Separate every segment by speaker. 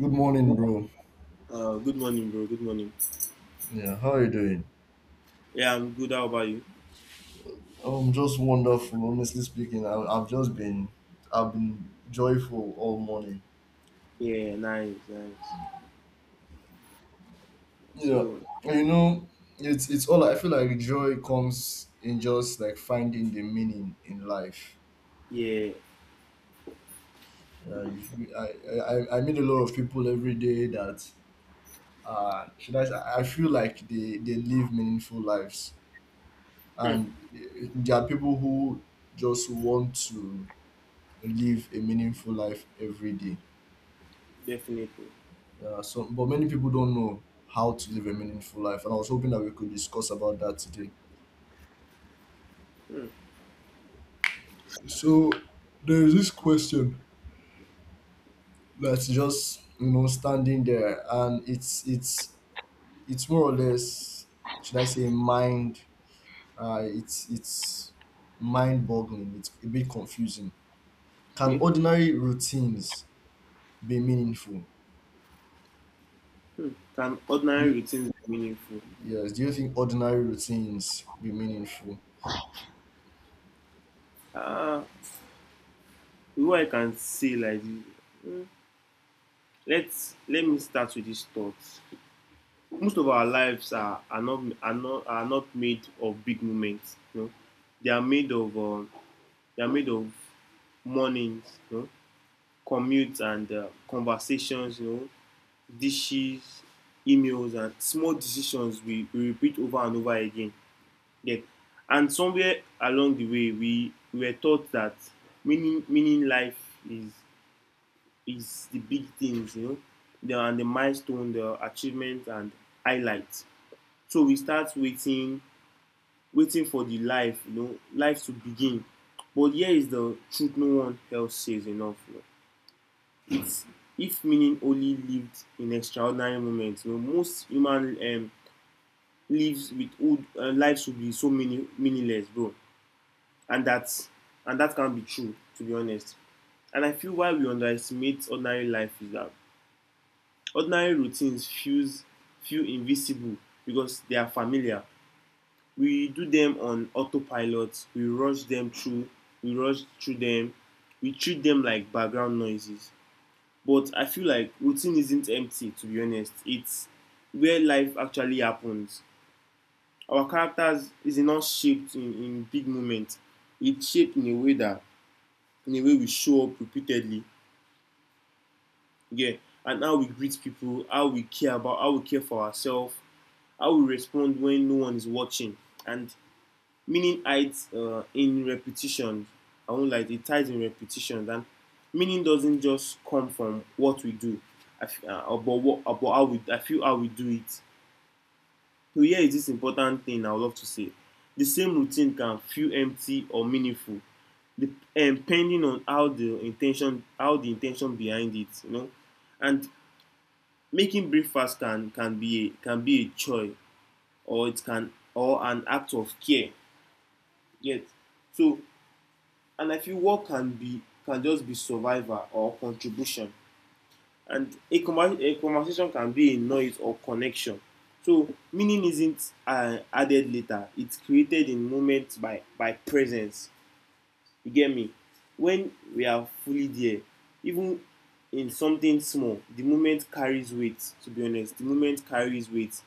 Speaker 1: Good morning, bro.
Speaker 2: Good morning, bro. Good morning.
Speaker 1: Yeah, how are you doing?
Speaker 2: Yeah, I'm good. How about you?
Speaker 1: Just wonderful. Honestly speaking, I've just been, I've been joyful all morning.
Speaker 2: Yeah, nice, nice.
Speaker 1: Yeah,
Speaker 2: So,
Speaker 1: you know, it's all. I feel like joy comes in just like finding the meaning in life.
Speaker 2: yeah,
Speaker 1: Yeah, I meet a lot of people every day that I feel like they live meaningful lives,
Speaker 2: hmm,
Speaker 1: and there are people who just want to live a meaningful life every day.
Speaker 2: definitely.
Speaker 1: Yeah, so but many people don't know how to live a meaningful life, and I was hoping that we could discuss about that today.
Speaker 2: Hmm,
Speaker 1: So there is this question that's just you know standing there, and it's it's more or less should I say mind? It's mind boggling. It's a bit confusing. Can
Speaker 2: okay.
Speaker 1: ordinary routines be meaningful?
Speaker 2: Hmm. Can
Speaker 1: Do
Speaker 2: ordinary
Speaker 1: you,
Speaker 2: routines be meaningful?
Speaker 1: yes. Do you think ordinary routines be meaningful?
Speaker 2: Ah, what I can say like this. Hmm. Let me start with these thoughts. Most of our lives are not made of big moments. They are made of um, they are made of mornings, commutes and conversations, dishes, emails, and small decisions we repeat over and over again. Yet, and somewhere along the way, we were taught that meaning life is is the big things, the milestone, the achievements, and highlights. So we start waiting for the life, life to begin. But here is the truth: no one else says enough. It's if meaning only lived in extraordinary moments. Most human lives with old lives would be so meaningless, bro. And that can be true, to be honest. And I feel why we underestimate ordinary life is that ordinary routines feel invisible because they are familiar. We do them on autopilot. We rush them through. We rush through them. We treat them like background noises. But I feel like routine isn't empty, to be honest. It's where life actually happens. Our characters is not shaped in big moments. It's shaped in a way we show up repeatedly. Yeah. And how we greet people, how we care for ourselves, how we respond when no one is watching. And meaning hides in repetition. I won't like it ties in repetition. And meaning doesn't just come from what we do. I f- about what about how we I feel how we do it. So here is this important thing I would love to say: the same routine can feel empty or meaningful, depending on how the intention behind it. And making breakfast can be a joy, or it can or an act of care. Yet, so, and I feel work can just be survival or contribution. And a conversation can be a noise or connection. So meaning isn't added later. It's created in moments by presence. You get me? When we are fully there, even in something small, the moment carries weight. To be honest, the moment carries weight.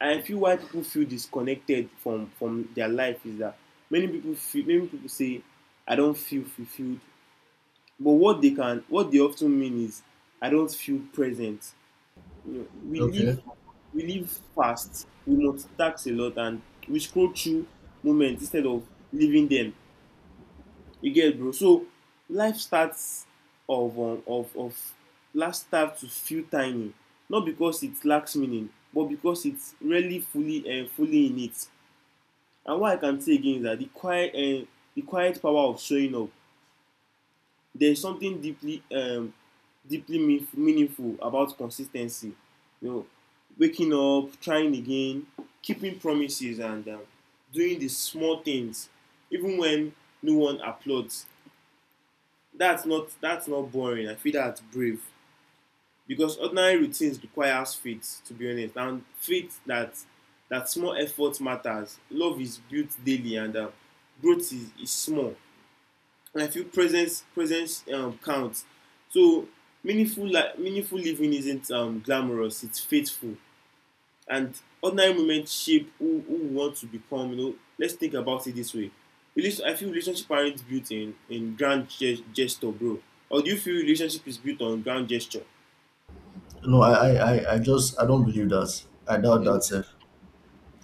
Speaker 2: And I feel why people feel disconnected from their life is that many people say, "I don't feel fulfilled." But what they often mean is, "I don't feel present." you know, we live
Speaker 1: Okay.
Speaker 2: we live fast, we multitask a lot, and we scroll through moments instead of living them. You get it, bro. So, life starts of last start to feel tiny, not because it lacks meaning but because it's rarely fully in it. And what I can say again is that the quiet power of showing up, there is something deeply meaningful about consis ten cy, you know waking up, trying again, keeping promises, and doing the small things, even when no one applauds. That's not boring, I feel that's brave, because ordinary routines requires faith, to be honest, and faith that small effort matters, love is built daily, and growth is small, and I feel presence counts. So meaningful living isn't glamorous; it's faithful. And ordinary moments shape who we want to become. Let's think about it this way. I feel relationship aren't built in grand gesture, bro. Or do you feel relationship is built on grand gesture?
Speaker 1: No, I just I don't believe that. I doubt
Speaker 2: Mm.
Speaker 1: that, sir.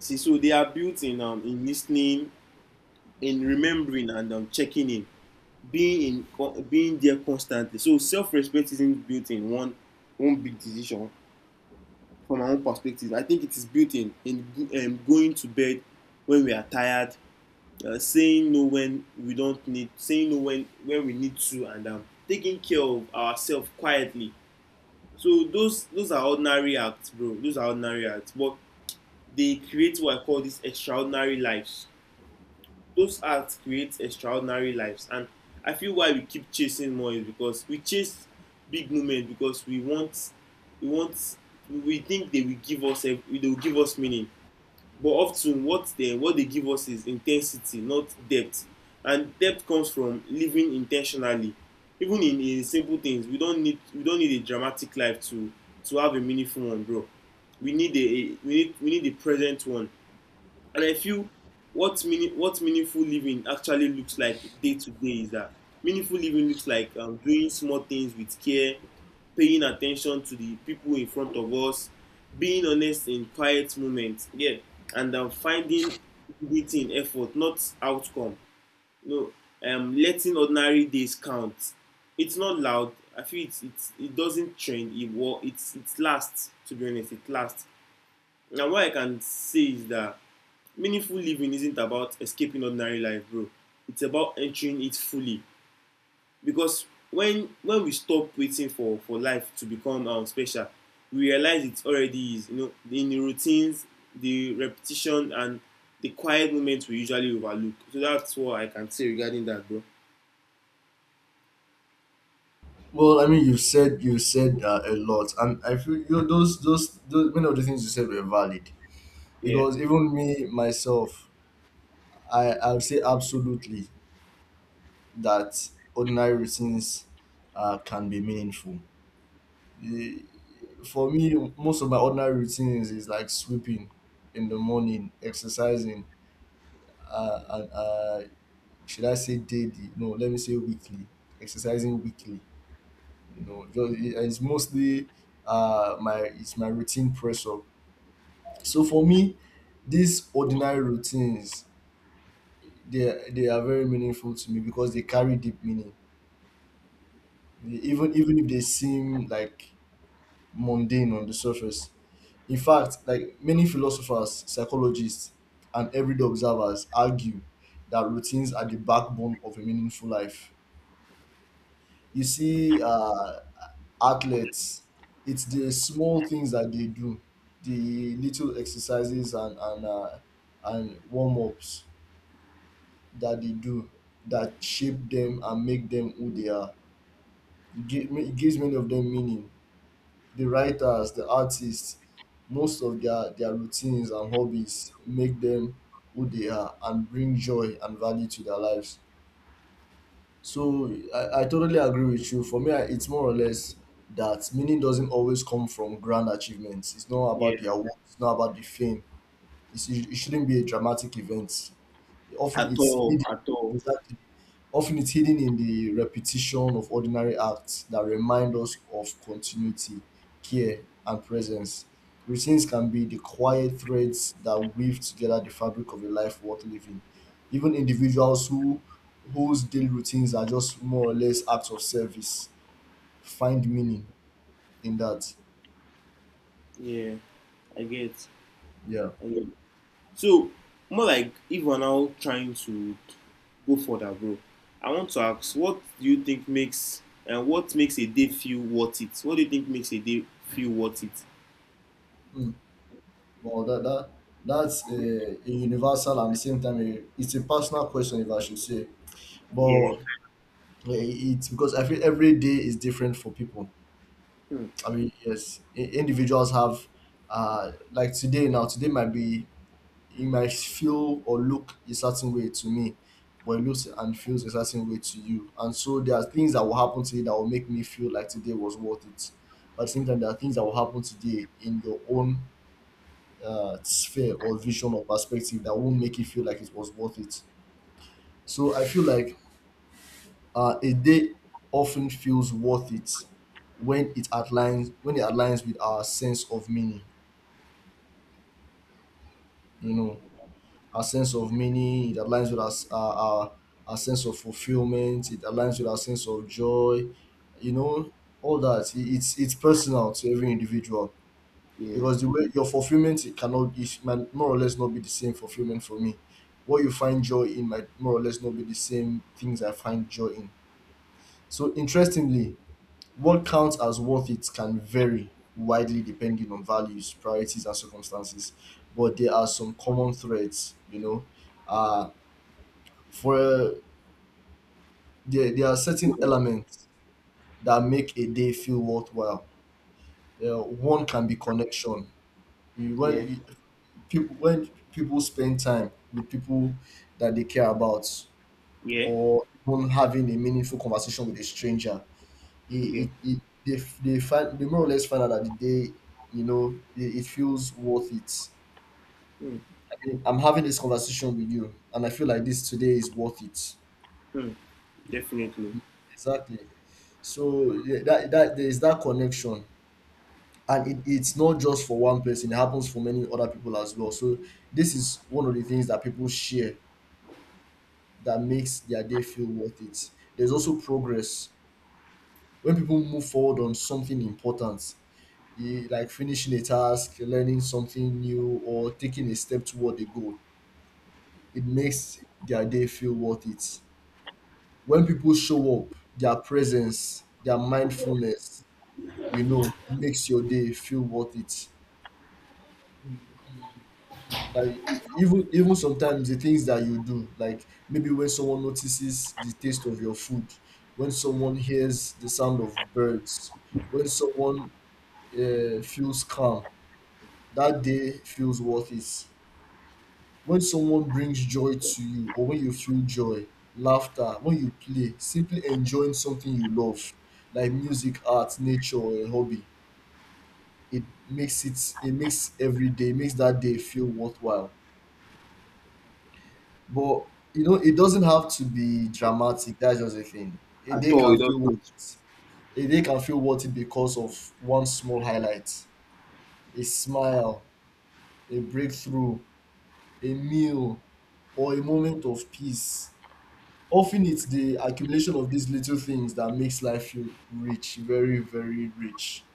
Speaker 2: See, so they are built in listening, in remembering, and checking in, being there constantly. So self-respect isn't built in one big decision. From my own perspective, I think it is built in going to bed when we are tired, saying no when we need to, and taking care of ourselves quietly. So those are ordinary acts, bro. Those are ordinary acts, but they create what I call these extraordinary lives. Those acts create extraordinary lives, and I feel why we keep chasing more is because we chase big moments, because we want we think they will give us they will give us meaning. But often, what they give us is intensity, not depth. And depth comes from living intentionally, even in simple things. We don't need a dramatic life to have a meaningful one, bro. We need a present one. And I feel what meaningful living actually looks like day to day is that meaningful living looks like doing small things with care, paying attention to the people in front of us, being honest in quiet moments, yeah, and finding it in effort, not outcome. No, letting ordinary days count. It's not loud. I feel it doesn't trend. It war. It's it lasts. To be honest, it lasts. Now what I can say is that meaningful living isn't about escaping ordinary life, bro. It's about entering it fully, because when we stop waiting for life to become special, we realize it already is, in the routines, the repetition, and the quiet moments we usually overlook. So that's what I can say regarding that, bro.
Speaker 1: Well, I mean, you've said a lot, and I feel you know, those many of the things you said were valid
Speaker 2: Yeah,
Speaker 1: because even me myself, I would say absolutely that ordinary routines can be meaningful. The- For me, most of my ordinary routines is like sweeping in the morning, exercising, and should I say daily? No, let me say weekly. Exercising weekly, you know, just it's mostly my it's my routine press up. So for me, these ordinary routines, they are very meaningful to me because they carry deep meaning. Even if they seem like mundane on the surface, in fact, like many philosophers, psychologists, and everyday observers argue that routines are the backbone of a meaningful life. You see, athletes, it's the small things that they do, the little exercises and warm ups that they do that shape them and make them who they are. It gives many of them meaning. The writers, the artists, most of their routines and hobbies make them who they are and bring joy and value to their lives. So I totally agree with you. For me, it's more or less that meaning doesn't always come from grand achievements. It's not
Speaker 2: yeah.
Speaker 1: about the awards, it's not about the fame. It shouldn't be a dramatic event. Often
Speaker 2: At
Speaker 1: it's
Speaker 2: all,
Speaker 1: hidden.
Speaker 2: at all.
Speaker 1: Exactly. Often it's hidden in the repetition of ordinary acts that remind us of continuity, care, and presence. Routines can be the quiet threads that weave together the fabric of a life worth living. Even individuals whose daily routines are just more or less acts of service find meaning in that.
Speaker 2: Yeah, i get
Speaker 1: Yeah.
Speaker 2: I get. Yeah. So, more like, if we're now trying to go further, bro, I want to ask, what do you think makes and what makes a day feel worth it? What do you think makes a day feel worth it?
Speaker 1: Mm. Well, that that's a universal and at the same time a, it's a personal question, if I should say.
Speaker 2: Yeah.
Speaker 1: But yeah, it's because I feel every day is different for people.
Speaker 2: Mm.
Speaker 1: I mean, yes, individuals have, like today now, it might feel or look a certain way to me, but it looks and feels a certain way to you. And so there are things that will happen today that will make me feel like today was worth it. But at the same time, there are things that will happen today in your own sphere or vision or perspective that won't make you feel like it was worth it. So I feel like a day often feels worth it when it aligns with our sense of meaning. You know, our sense of meaning. It aligns with our sense of fulfillment. It aligns with our sense of joy. You know, all that. It's personal to every individual
Speaker 2: Yeah.
Speaker 1: because the way your fulfillment, it cannot, it might more or less not be the same fulfillment for me. What you find joy in might more or less not be the same things I find joy in. So interestingly, what counts as worth it can vary widely depending on values, priorities, and circumstances. But there are some common threads, you know. Uh, for there, there are certain
Speaker 2: Well.
Speaker 1: elements that make a day feel worthwhile. One can be connection. You,
Speaker 2: Yeah.
Speaker 1: when you, people spend time with people that they care about,
Speaker 2: Yeah.
Speaker 1: or even having a meaningful conversation with a stranger,
Speaker 2: Okay.
Speaker 1: it, it, it they, they find, they more or less find out that the day, you know, it feels worth it.
Speaker 2: Mm.
Speaker 1: I mean, I'm having this conversation with you and I feel like this today is worth it.
Speaker 2: Mm. Definitely.
Speaker 1: Exactly. So yeah, that that there is that connection, and it, it's not just for one person, it happens for many other people as well. So this is one of the things that people share that makes their day feel worth it. There's also progress when people move forward on something important, like finishing a task, learning something new, or taking a step toward a goal. It makes their day feel worth it. When people show up, their presence, their mindfulness, you know, makes your day feel worth it. Like even even sometimes the things that you do, like maybe when someone notices the taste of your food, when someone hears the sound of birds, when someone feels calm, that day feels worth it. When someone brings joy to you or when you feel joy, laughter, when you play, simply enjoying something you love, like music, art, nature, or a hobby, it makes makes that day feel worthwhile. But you know, it doesn't have to be dramatic, that's just the thing. A
Speaker 2: At
Speaker 1: day
Speaker 2: all,
Speaker 1: can
Speaker 2: it
Speaker 1: feel worth
Speaker 2: doesn't.
Speaker 1: it. A day can feel worth it because of one small highlight, a smile, a breakthrough, a meal, or a moment of peace. Often it's the accumulation of these little things that makes life feel rich, very, very rich.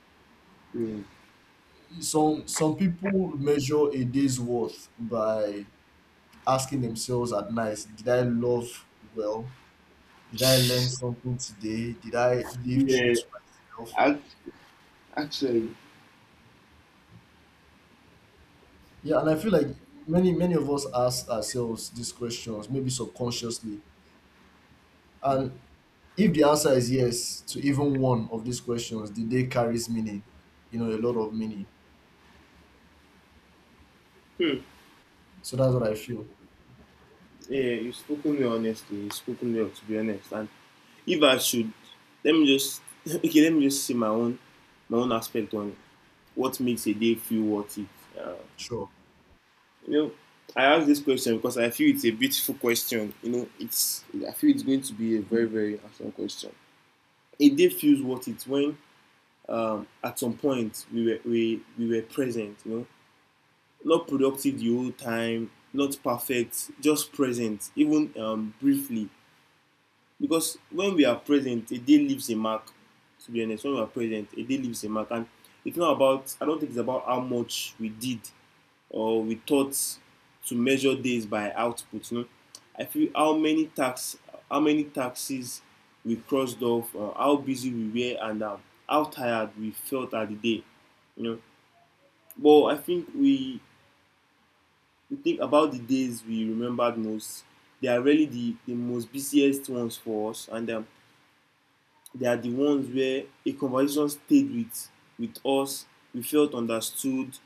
Speaker 2: Mm.
Speaker 1: Some people measure a day's worth by asking themselves at night, did I love well? Did I learn something today? Did I live true
Speaker 2: Yeah.
Speaker 1: to myself?
Speaker 2: Act- Actually.
Speaker 1: Yeah, and I feel like many, many of us ask ourselves these questions, maybe subconsciously. And if the answer is yes to even one of these questions, the day carries meaning, you know, a lot of meaning.
Speaker 2: Hmm.
Speaker 1: So that's what I feel.
Speaker 2: Yeah, you've spoken me honestly. You've spoken me up, to be honest. And if I should, let me just okay. Let me just see my own aspect on what makes a day feel worth it. Uh,
Speaker 1: Sure.
Speaker 2: you know, I ask this question because I feel it's a beautiful question. It's I feel it's going to be a very very awesome question. A day feels worth it when at some point we were present, not productive the whole time, not perfect, just present, even briefly, because when we are present a day leaves a mark. To be honest, when we are present a day leaves a mark. And it's not about I don't think it's about how much we did or we thought, to measure days by output. I feel how many taxes we crossed off, how busy we were, and how tired we felt at the day. You know, but I think we think about the days we remembered most. They are really the most busiest ones for us, and they are the ones where a conversation stayed with us. We felt understood.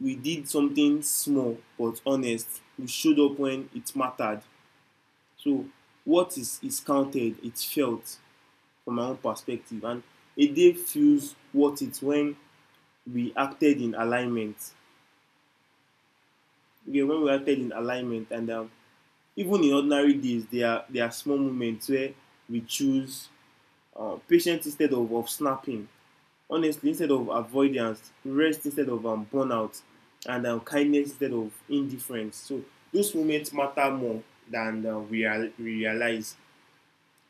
Speaker 2: We did something small but honest. We showed up when it mattered. So what is counted, it's felt, from my own perspective. And a day feels worth it when we acted in alignment. Okay, when we acted in alignment, and even in ordinary days there are small moments where we choose patience instead of snapping, honestly instead of avoidance, rest instead of burnout, and kindness instead of indifference. So those moments matter more than we realize.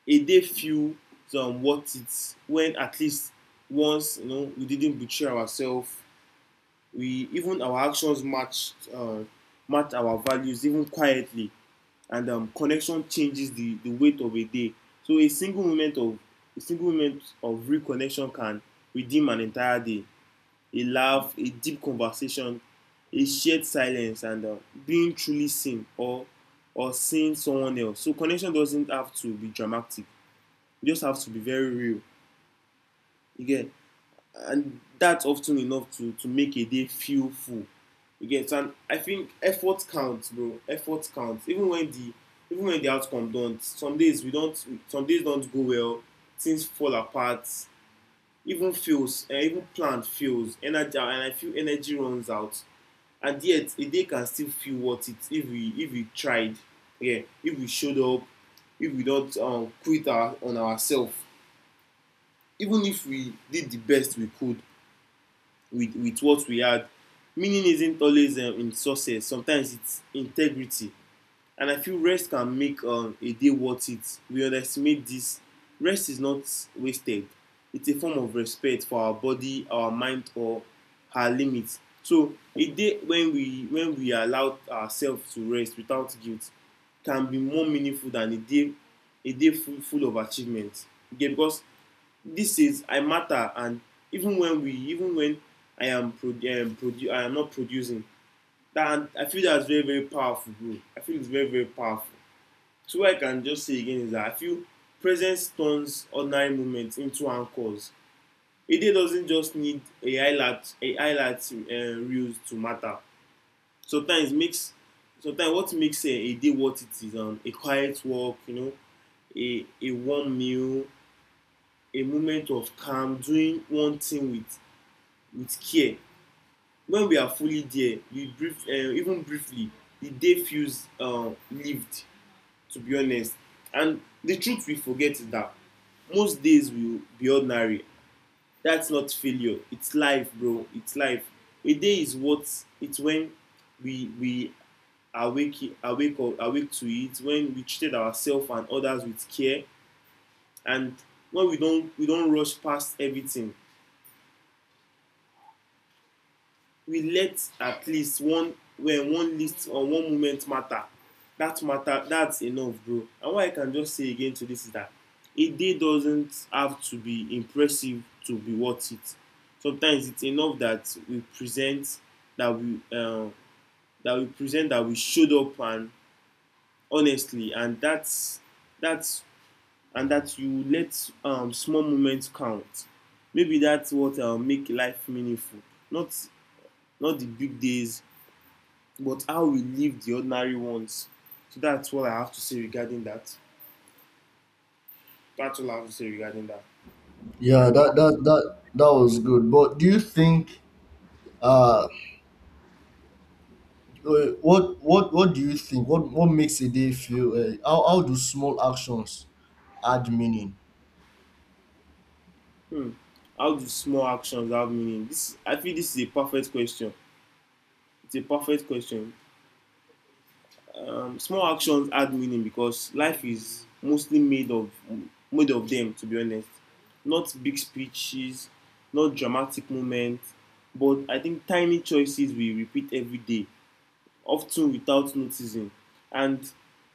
Speaker 2: A day feels worth it when at least once, we didn't betray ourselves, we even our actions match our values even quietly. And connection changes the weight of a day. So a single moment of reconnection can redeem an entire day: a laugh, a deep conversation, a shared silence, and being truly seen, or seeing someone else. So connection doesn't have to be dramatic. You just have to be very real. You get, and that's often enough to make a day feel full. You get. So, and I think effort counts, bro. Effort counts. Even when the outcome don't. Some days we don't. Some days don't go well. Things fall apart. Even feels. Even plan fails. Energy, and I feel energy runs out, and yet a day can still feel worth it if we tried. Yeah, if we showed up, if we don't on ourselves, even if we did the best we could with what we had. Meaning isn't always in success. Sometimes it's integrity. And I feel rest can make a day worth it. We underestimate this. Rest is not wasted. It's a form of respect for our body, our mind, or our limits. So a day when we allow ourselves to rest without guilt can be more meaningful than a day full of achievements. Okay, because this is I matter, and even when I am pro produ I am not producing, that I feel that's very, very powerful, bro. I feel it's very, very powerful. So what I can just say again is that I feel presence turns ordinary moments into anchors. A day doesn't just need a highlight, a highlight reels to matter. Sometimes makes, Sometimes what makes a day what it is, a quiet walk, you know, a warm meal, a moment of calm, doing one thing with care. When we are fully there, even briefly, the day feels lived, to be honest. And the truth we forget is that most days will be ordinary. That's not failure, it's life, bro. It's life. A day is what it's when we awake to it, when we treated ourselves and others with care, and when we don rush past everything, we let at least one when one list or one moment matter. That matter, that's enough, bro. And what I can just say again to this is that a day doesn't have to be impressive to be worth it. Sometimes it's enough that we present, that we uh, that we present, that we showed up and honestly, and that's and that you let small moments count. Maybe that's what make life meaningful, not not the big days, but how we live the ordinary ones. So that's what I have to say regarding that. That's all I have to say regarding that.
Speaker 1: Yeah,
Speaker 2: And
Speaker 1: that was good. But do you think uh what do you think? What makes a day feel how do small actions add meaning?
Speaker 2: Hmm, how do small actions have meaning? This, I feel this is a perfect question. It's a perfect question. Small actions add meaning because life is mostly made of them, to be honest. Not big speeches, not dramatic moments, but I think tiny choices we repeat every day, often without noticing. And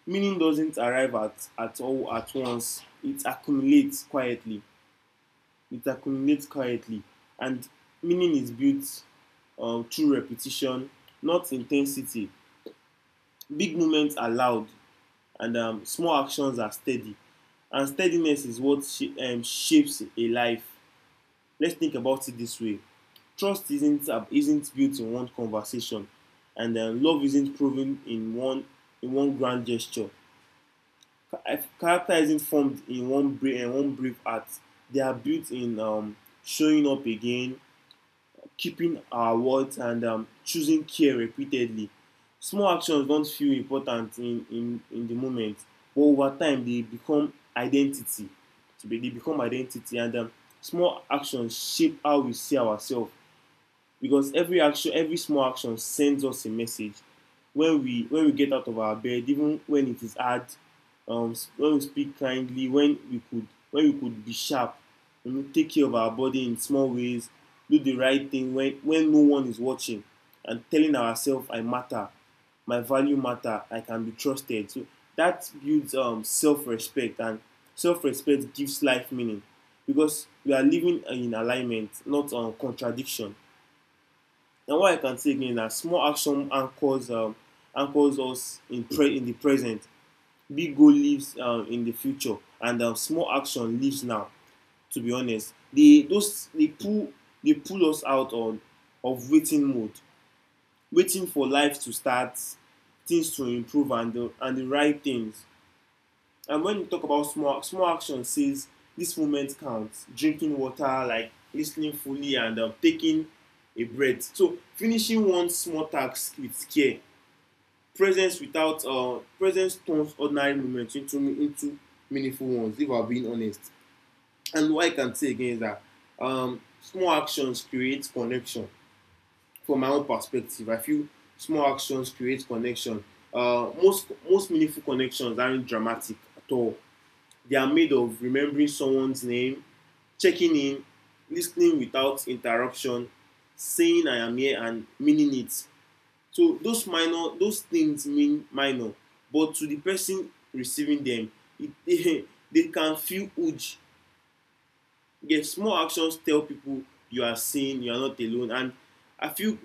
Speaker 2: meaning doesn't arrive at all at once. It accumulates quietly. It accumulates quietly. And meaning is built through repetition, not intensity. Big moments are loud, and small actions are steady. And steadiness is what shapes a life. Let's think about it this way. Trust isn't built in one conversation, and love isn't proven in one grand gesture. Character isn't formed in one brave act. They are built in showing up again, keeping our words, and choosing care repeatedly. Small actions don't feel important in, in the moment, but over time they become identity. So they become identity, and small actions shape how we see ourselves, because every action, every small action sends us a message. When we get out of our bed even when it is hard, um, when we speak kindly, when we could be sharp, you know, take care of our body in small ways, do the right thing when no one is watching, and telling ourselves I matter, my value matter, I can be trusted. So that builds self-respect, and self-respect gives life meaning, because we are living in alignment, not on contradiction. And what I can say again is that small action anchors anchors us in in the present. Big goal lives in the future, and small action lives now. To be honest, they pull, they pull us out on of waiting mode, waiting for life to start, things to improve, and and the right things. And when you talk about small, small action, says this moment counts. Drinking water, like listening fully, and taking a breath. So finishing one small task with care. Presence without Presence turns ordinary moments into meaningful ones, if I'm being honest. And what I can say again is that small actions create connection. From my own perspective, I feel small actions create connection. Most, most meaningful connections aren't dramatic at all. They are made of remembering someone's name, checking in, listening without interruption, saying I am here and meaning it. So those minor, those things mean minor, but to the person receiving them, it, they can feel huge. Yes, small actions tell people you are seen, you are not alone. And I feel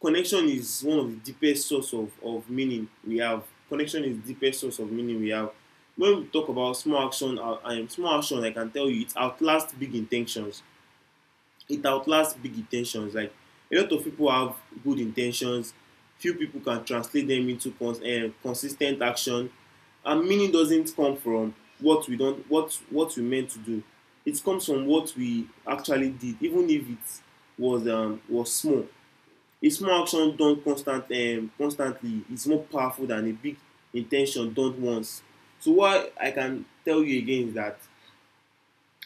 Speaker 2: connection is one of the deepest source of meaning we have. Connection is the deepest source of meaning we have. When we talk about small action, I can tell you it outlasts big intentions, it outlasts big intentions. Like, a lot of people have good intentions, few people can translate them into consistent action. And meaning doesn't come from what we don't what we meant to do. It comes from what we actually did, even if it was small. A small action done constantly is more powerful than a big intention done once. So what I can tell you again is that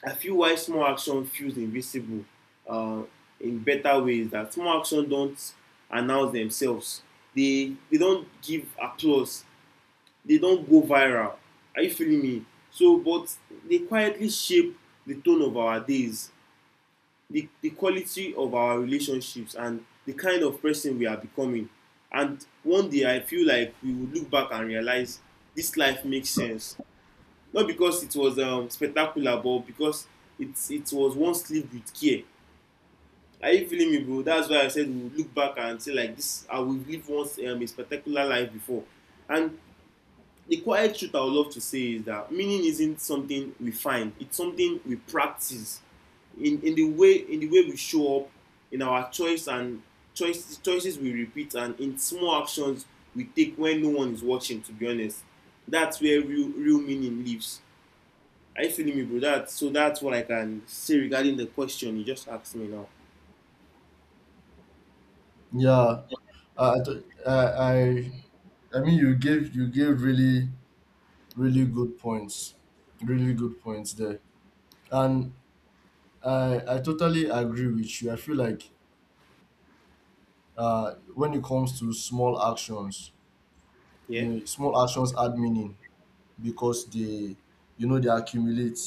Speaker 2: I feel why small action feels invisible, uh, in better ways, that small action don't announce themselves. They don't give applause. They don't go viral. Are you feeling me? So, but they quietly shape the tone of our days, the quality of our relationships, and the kind of person we are becoming. And one day I feel like we will look back and realize this life makes sense, not because it was spectacular, but because it was one sleep with care. Are you feeling me, bro? That's why I said we will look back and say like this I will live once a spectacular life before. And the quiet truth I would love to say is that meaning isn't something we find, it's something we practice, in the way we show up, in our choice, and choices we repeat, and in small actions we take when no one is watching, to be honest. That's where real meaning lives. Are you feeling me, bro? That so that's what I can say regarding the question you just asked me now.
Speaker 1: Yeah. Uh, I th- uh, I I mean, you gave really really good points. Really good points there. And I totally agree with you. I feel like when it comes to small actions,
Speaker 2: Yeah.
Speaker 1: you know, small actions add meaning, because they, you know, they accumulate,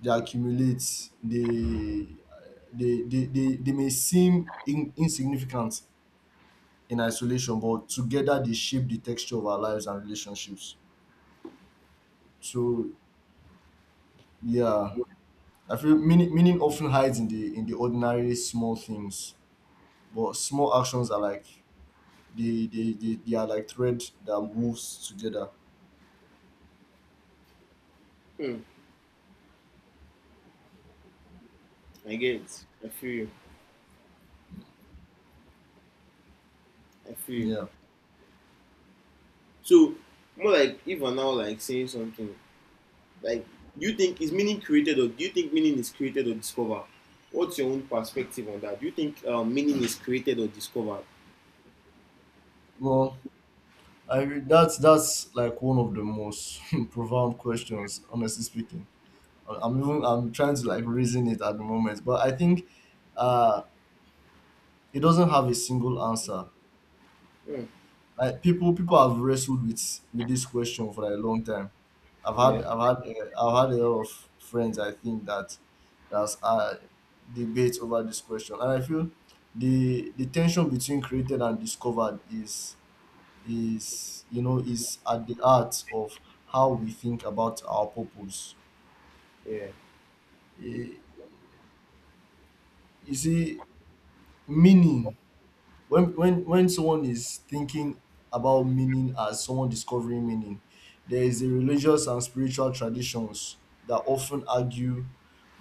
Speaker 1: they accumulate they they may seem insignificant in isolation, but together they shape the texture of our lives and relationships. So yeah, I feel meaning, meaning often hides in the ordinary small things, but small actions are like, they are like thread that moves together.
Speaker 2: Hmm. I get it. I feel you. I feel you.
Speaker 1: Yeah.
Speaker 2: So more like even now, like saying something like, do you think meaning is created or discovered? What's your own perspective on that? Do you think meaning is created or discovered?
Speaker 1: Well, that's like one of the most profound questions, honestly speaking. I'm trying to like reason it at the moment, but I think uh it doesn't have a single answer.
Speaker 2: Hmm.
Speaker 1: Like people have wrestled with this question for a long time.
Speaker 2: Yeah.
Speaker 1: I've had a lot of friends, I think, that that's debate over this question, and I feel the tension between created and discovered is, you know, is at the heart of how we think about our purpose.
Speaker 2: Yeah.
Speaker 1: Eh, You see, meaning, when someone is thinking about meaning as someone discovering meaning, there is a religious and spiritual traditions that often argue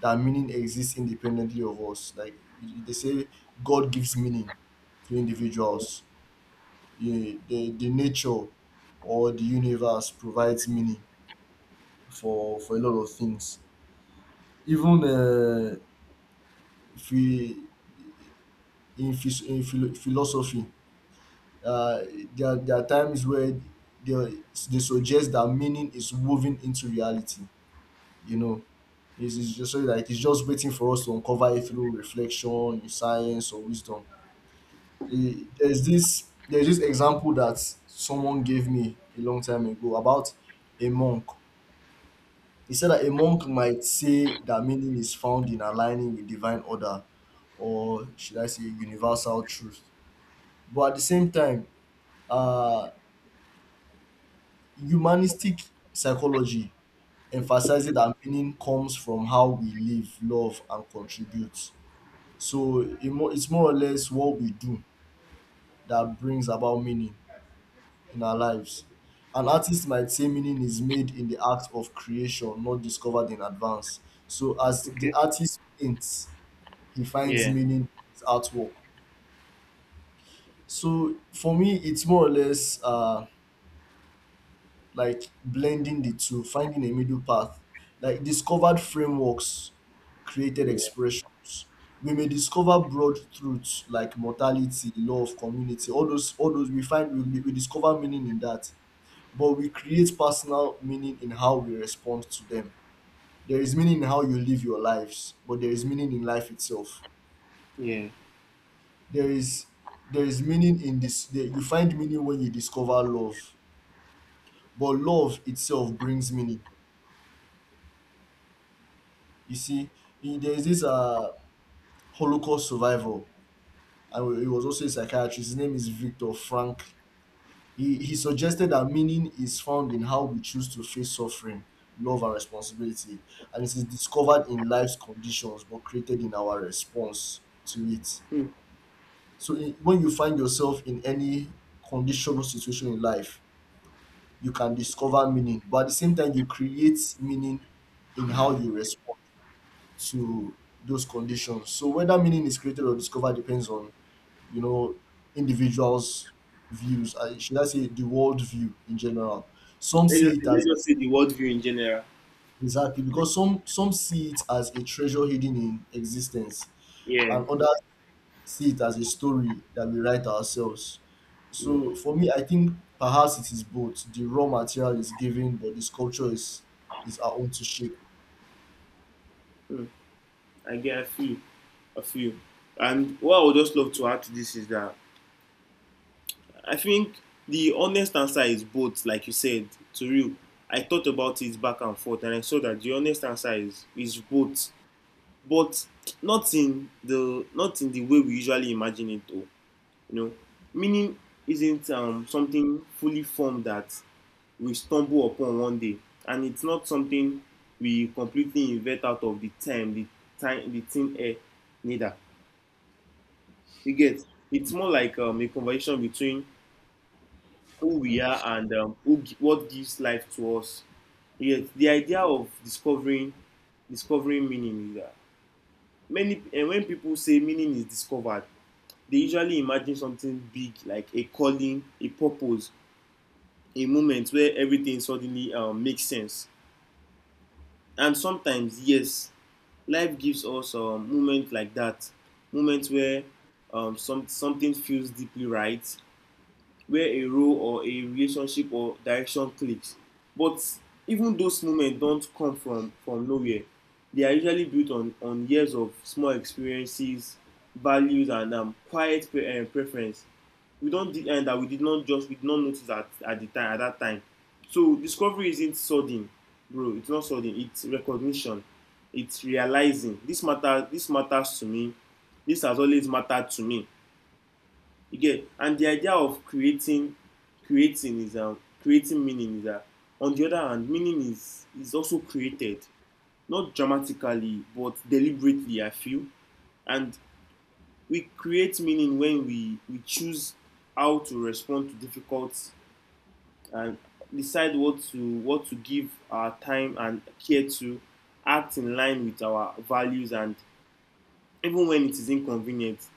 Speaker 1: that meaning exists independently of us. Like they say, God gives meaning to individuals. Yeah, the nature or the universe provides meaning for a lot of things. Even if we in, phys- in philo- philosophy, uh, there are times where they, they suggest that meaning is woven into reality. You know, it's just so, like, it's just waiting for us to uncover it through reflection, science, or wisdom. There's this example that someone gave me a long time ago about a monk. He said that a monk might say that meaning is found in aligning with divine order, or should I say, universal truth. But at the same time, uh, humanistic psychology emphasizes that meaning comes from how we live, love, and contribute. So it's more or less what we do that brings about meaning in our lives. An artist might say meaning is made in the act of creation, not discovered in advance. So as the artist paints, he finds
Speaker 2: Yeah.
Speaker 1: meaning in his artwork. So for me, it's more or less like blending the two, finding a middle path. Like discovered frameworks, created
Speaker 2: Yeah.
Speaker 1: expressions. We may discover broad truths like mortality, love, community, all those, all those. We discover meaning in that, but we create personal meaning in how we respond to them. There is meaning in how you live your lives, but there is meaning in life itself.
Speaker 2: Yeah.
Speaker 1: there is there is meaning in this there, you find meaning when you discover love, but love itself brings meaning. You see, there is this holocaust survivor, and he was also a psychiatrist. His name is Victor Frank. He suggested that meaning is found in how we choose to face suffering, love, and responsibility, and it is discovered in life's conditions but created in our response to it.
Speaker 2: Hmm.
Speaker 1: So when you find yourself in any conditional situation in life, you can discover meaning, but at the same time you create meaning in how you respond to those conditions. So whether meaning is created or discovered depends on, you know, individuals' views, I should I say the world view in general. Some
Speaker 2: Let's
Speaker 1: see
Speaker 2: just
Speaker 1: it as,
Speaker 2: say the worldview in general.
Speaker 1: exactly, because some see it as a treasure hidden in existence
Speaker 2: Yeah.
Speaker 1: and others see it as a story that we write ourselves.
Speaker 2: Yeah.
Speaker 1: So for me, I think perhaps it is both. The raw material is given, but the sculpture is our own to shape.
Speaker 2: Hmm. I get a few, a few. And what I would just love to add to this is that I think the honest answer is both, like you said, to you. I thought about it back and forth, and I saw that the honest answer is both, but not in the way we usually imagine it, though. You know, meaning isn't something fully formed that we stumble upon one day, and it's not something we completely invent out of the time, the time, the thin air, neither. You get, it's more like a conversation between who we are and what gives life to us. Yet the idea of discovering, discovering meaning is that many, and when people say meaning is discovered, they usually imagine something big, like a calling, a purpose, a moment where everything suddenly makes sense. And sometimes, yes, life gives us a moment like that, moments where something feels deeply right, where a role or a relationship or direction clicks. But even those moments don't come from nowhere. They are usually built on years of small experiences, values, and preference. We don't did, and that we did not just we did not notice at the time, at that time. So discovery isn't sudden, bro. It's not sudden. It's recognition. It's realizing this matter. This matters to me. This has always mattered to me. You get, and the idea of creating meaning is that, on the other hand, meaning is also created, not dramatically, but deliberately, I feel. And we create meaning when we choose how to respond to difficult and decide what to give our time and care to, act in line with our values, and even when it is inconvenient,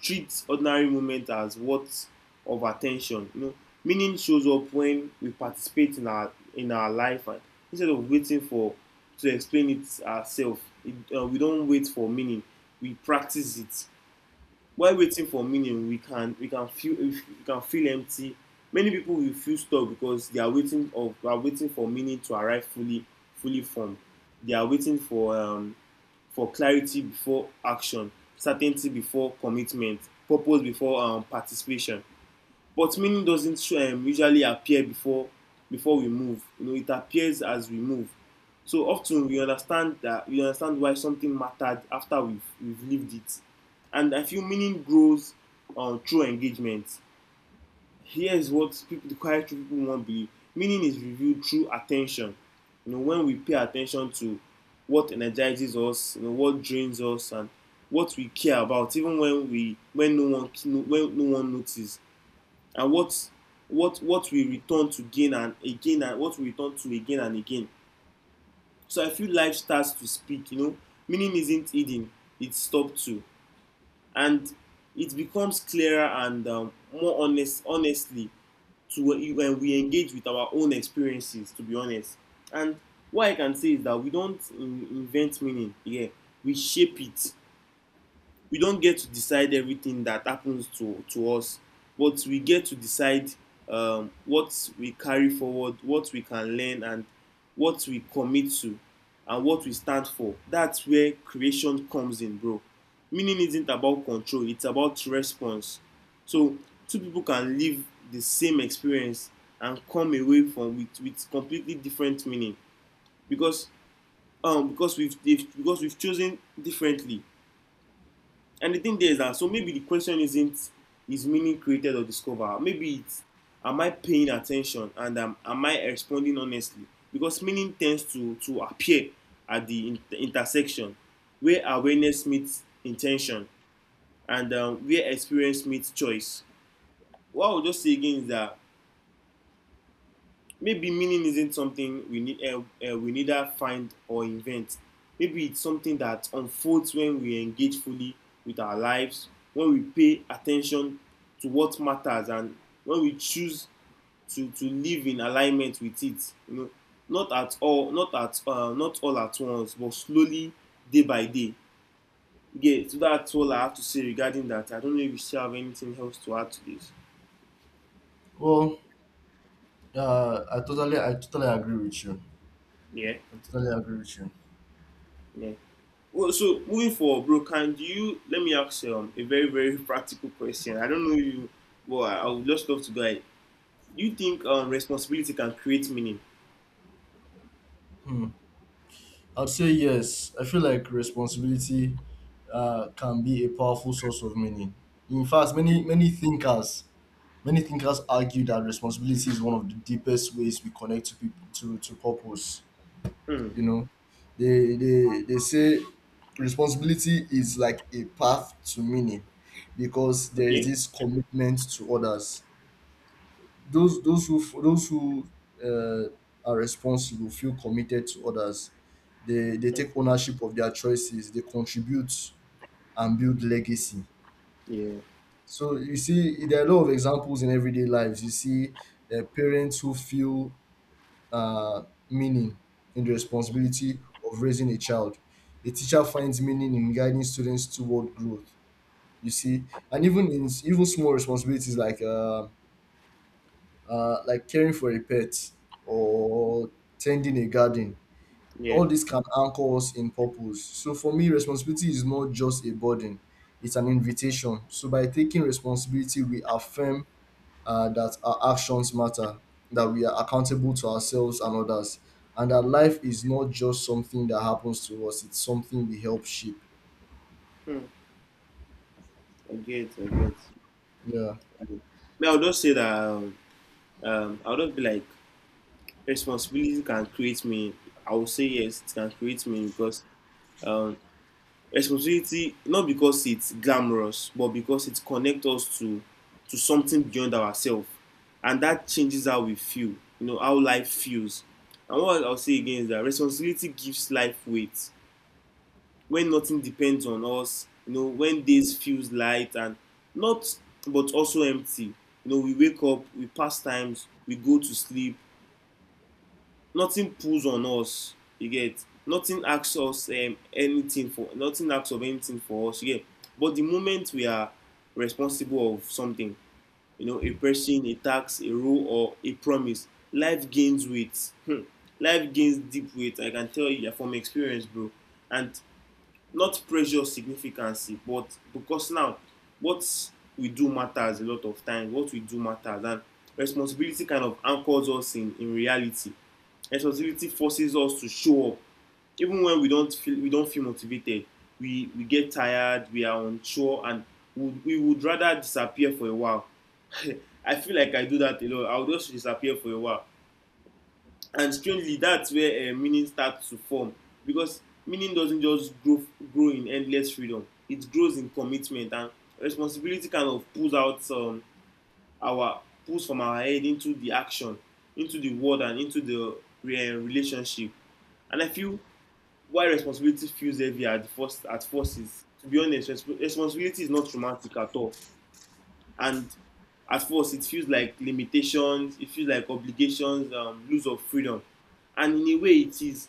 Speaker 2: treats ordinary moments as worth of attention. Meaning shows up when we participate in our life, and instead of waiting for to explain it ourselves we don't wait for meaning, we practice it. While waiting for meaning we can feel, we can feel empty. Many people will feel stuck because they are waiting of are waiting for meaning to arrive fully, fully formed. They are waiting for clarity before action, certainty before commitment, purpose before participation. But meaning doesn't usually appear before we move. You know, it appears as we move. So often we understand why something mattered after we've lived it. And I feel meaning grows through engagement. Here is what people, the quiet true people won't believe. Meaning is revealed through attention. You know, when we pay attention to what energizes us, you know, what drains us, and what we care about, even when no one notices, and what we return to again and again, and what we return to again and again. So I feel life starts to speak. You know, meaning isn't hidden; it's stopped to, and it becomes clearer and more honestly, to, when we engage with our own experiences, to be honest. And what I can say is that we don't invent meaning, yeah, we shape it. We don't get to decide everything that happens to us, but we get to decide, what we carry forward, what we can learn, and what we commit to, and what we stand for. That's where creation comes in, bro. Meaning isn't about control, it's about response. So two people can live the same experience and come away from with completely different meaning because because we've have because we've chosen differently. And the thing there is that, so maybe the question isn't, is meaning created or discovered? Maybe it's, am I paying attention, and am I responding honestly? Because meaning tends to appear at the intersection where awareness meets intention, and where experience meets choice. What I would just say again is that maybe meaning isn't something we need we neither find or invent. Maybe it's something that unfolds when we engage fully with our lives, when we pay attention to what matters, and when we choose to live in alignment with it. You know, not at all, not all at once, but slowly, day by day. Yeah, so that's all I have to say regarding that. I don't know if you still have anything else to add to this.
Speaker 1: Well, I totally agree with you.
Speaker 2: Yeah.
Speaker 1: I totally agree with you.
Speaker 2: Yeah. Well, so moving forward, bro, can you, let me ask a very, very practical question. I don't know you, but I would just love to go ahead. Do you think responsibility can create meaning?
Speaker 1: Hmm. I'd say yes. I feel like responsibility can be a powerful source of meaning. In fact, many thinkers argue that responsibility is one of the deepest ways we connect to people, to purpose.
Speaker 2: Hmm.
Speaker 1: You know, they say responsibility is like a path to meaning because there is
Speaker 2: Okay.
Speaker 1: this commitment to others. Those who uh, are responsible feel committed to others. They take ownership of their choices, they contribute, and build legacy.
Speaker 2: Yeah.
Speaker 1: So you see, there are a lot of examples in everyday lives. You see, parents who feel uh, meaning in the responsibility of raising a child. A teacher finds meaning in guiding students toward growth. You see, and even in even small responsibilities like caring for a pet or tending a garden,
Speaker 2: Yeah.
Speaker 1: all this can anchor us in purpose. So for me, responsibility is not just a burden; it's an invitation. So by taking responsibility, we affirm that our actions matter, that we are accountable to ourselves and others, and that life is not just something that happens to us, it's something we help shape.
Speaker 2: Hmm. I get. I get.
Speaker 1: Yeah.
Speaker 2: I get. Me, I would just say that I would just be like, responsibility can create meaning. I would say yes, it can create meaning because, um, responsibility, not because it's glamorous, but because it connects us to something beyond ourselves, and that changes how we feel, you know, how life feels. And what I'll say again is that responsibility gives life weight. When nothing depends on us, you know, when days feels light and not, but also empty, you know, we wake up, we pass times, we go to sleep, nothing pulls on us. You get, nothing asks us anything for, nothing asks of anything for us, you get. But the moment we are responsible of something, you know, a person, a tax, a rule, or a promise, life gains weight. Hmm. Life gains deep weight, I can tell you from experience, bro. And not pressure significancy, but because now what we do matters a lot of time. What we do matters. And responsibility kind of anchors us in reality. Responsibility forces us to show up even when we don't feel motivated. We get tired, we are unsure, and we would rather disappear for a while. I feel like I do that a lot. I would just disappear for a while. And strangely, that's where meaning starts to form. Because meaning doesn't just grow in endless freedom, it grows in commitment. And responsibility kind of pulls out our pulls from our head into the action, into the world, and into the relationship. And I feel, why responsibility feels heavy at first is, to be honest, responsibility is not romantic at all. And at first it feels like limitations, it feels like obligations, lose of freedom. And in a way it is,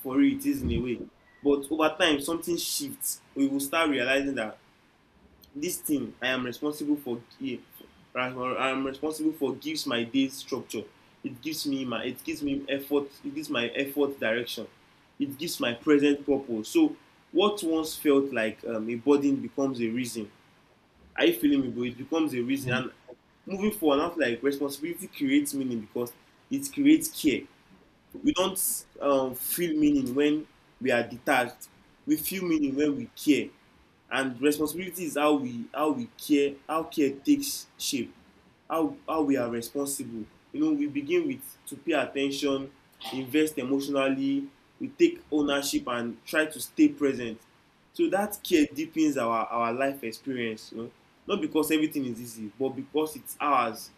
Speaker 2: for real, it is in a way. But over time something shifts. We will start realizing that this thing I am responsible for gives my day structure. It gives me my, it gives me effort, it gives my effort direction, it gives my present purpose. So what once felt like a burden becomes a reason. Are you feeling me, bro? It becomes a reason.
Speaker 1: Mm.
Speaker 2: And moving forward, I feel like responsibility creates meaning because it creates care. We don't feel meaning when we are detached. We feel meaning when we care. And responsibility is how we care, how care takes shape, how we are responsible. You know, we begin with to pay at ten tion invest emotionally, we take ownership and try to stay present, so that care deepens our life experience. You know, not because everything is easy, but because it's ours.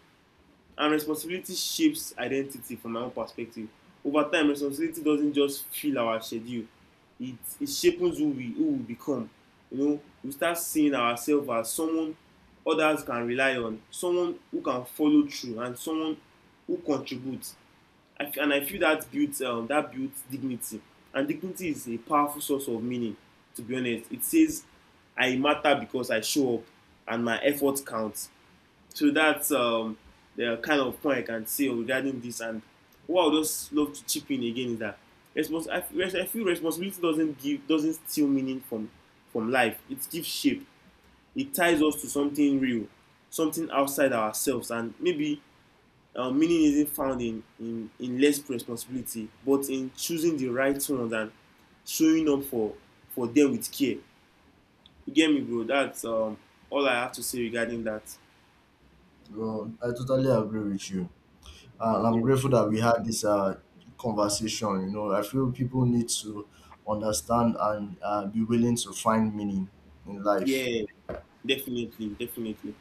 Speaker 2: And responsibility shapes identity, from my own perspective. Over time, responsibility doesn't just fill our schedule, it shapes who we become. You know, we start seeing ourselves as someone others can rely on, someone who can follow through, and someone who contributes. And I feel that builds dignity, and dignity is a powerful source of meaning, to be honest. It says, I matter because I show up, and my effort counts. So that's the kind of point I can say regarding this. And what I would just love to chip in again is that, I feel responsibility doesn't give, doesn't steal meaning from life. It gives shape. It ties us to something real, something outside ourselves. And maybe meaning isn't found in, in less responsibility, but in choosing the right ones and showing up for them with care. You get me, bro? That's all I have to say regarding that.
Speaker 1: Well, I totally agree with you. And I'm
Speaker 2: Yeah.
Speaker 1: grateful that we had this conversation. You know, I feel people need to understand and be willing to find meaning in life.
Speaker 2: Yeah. Definitely, definitely.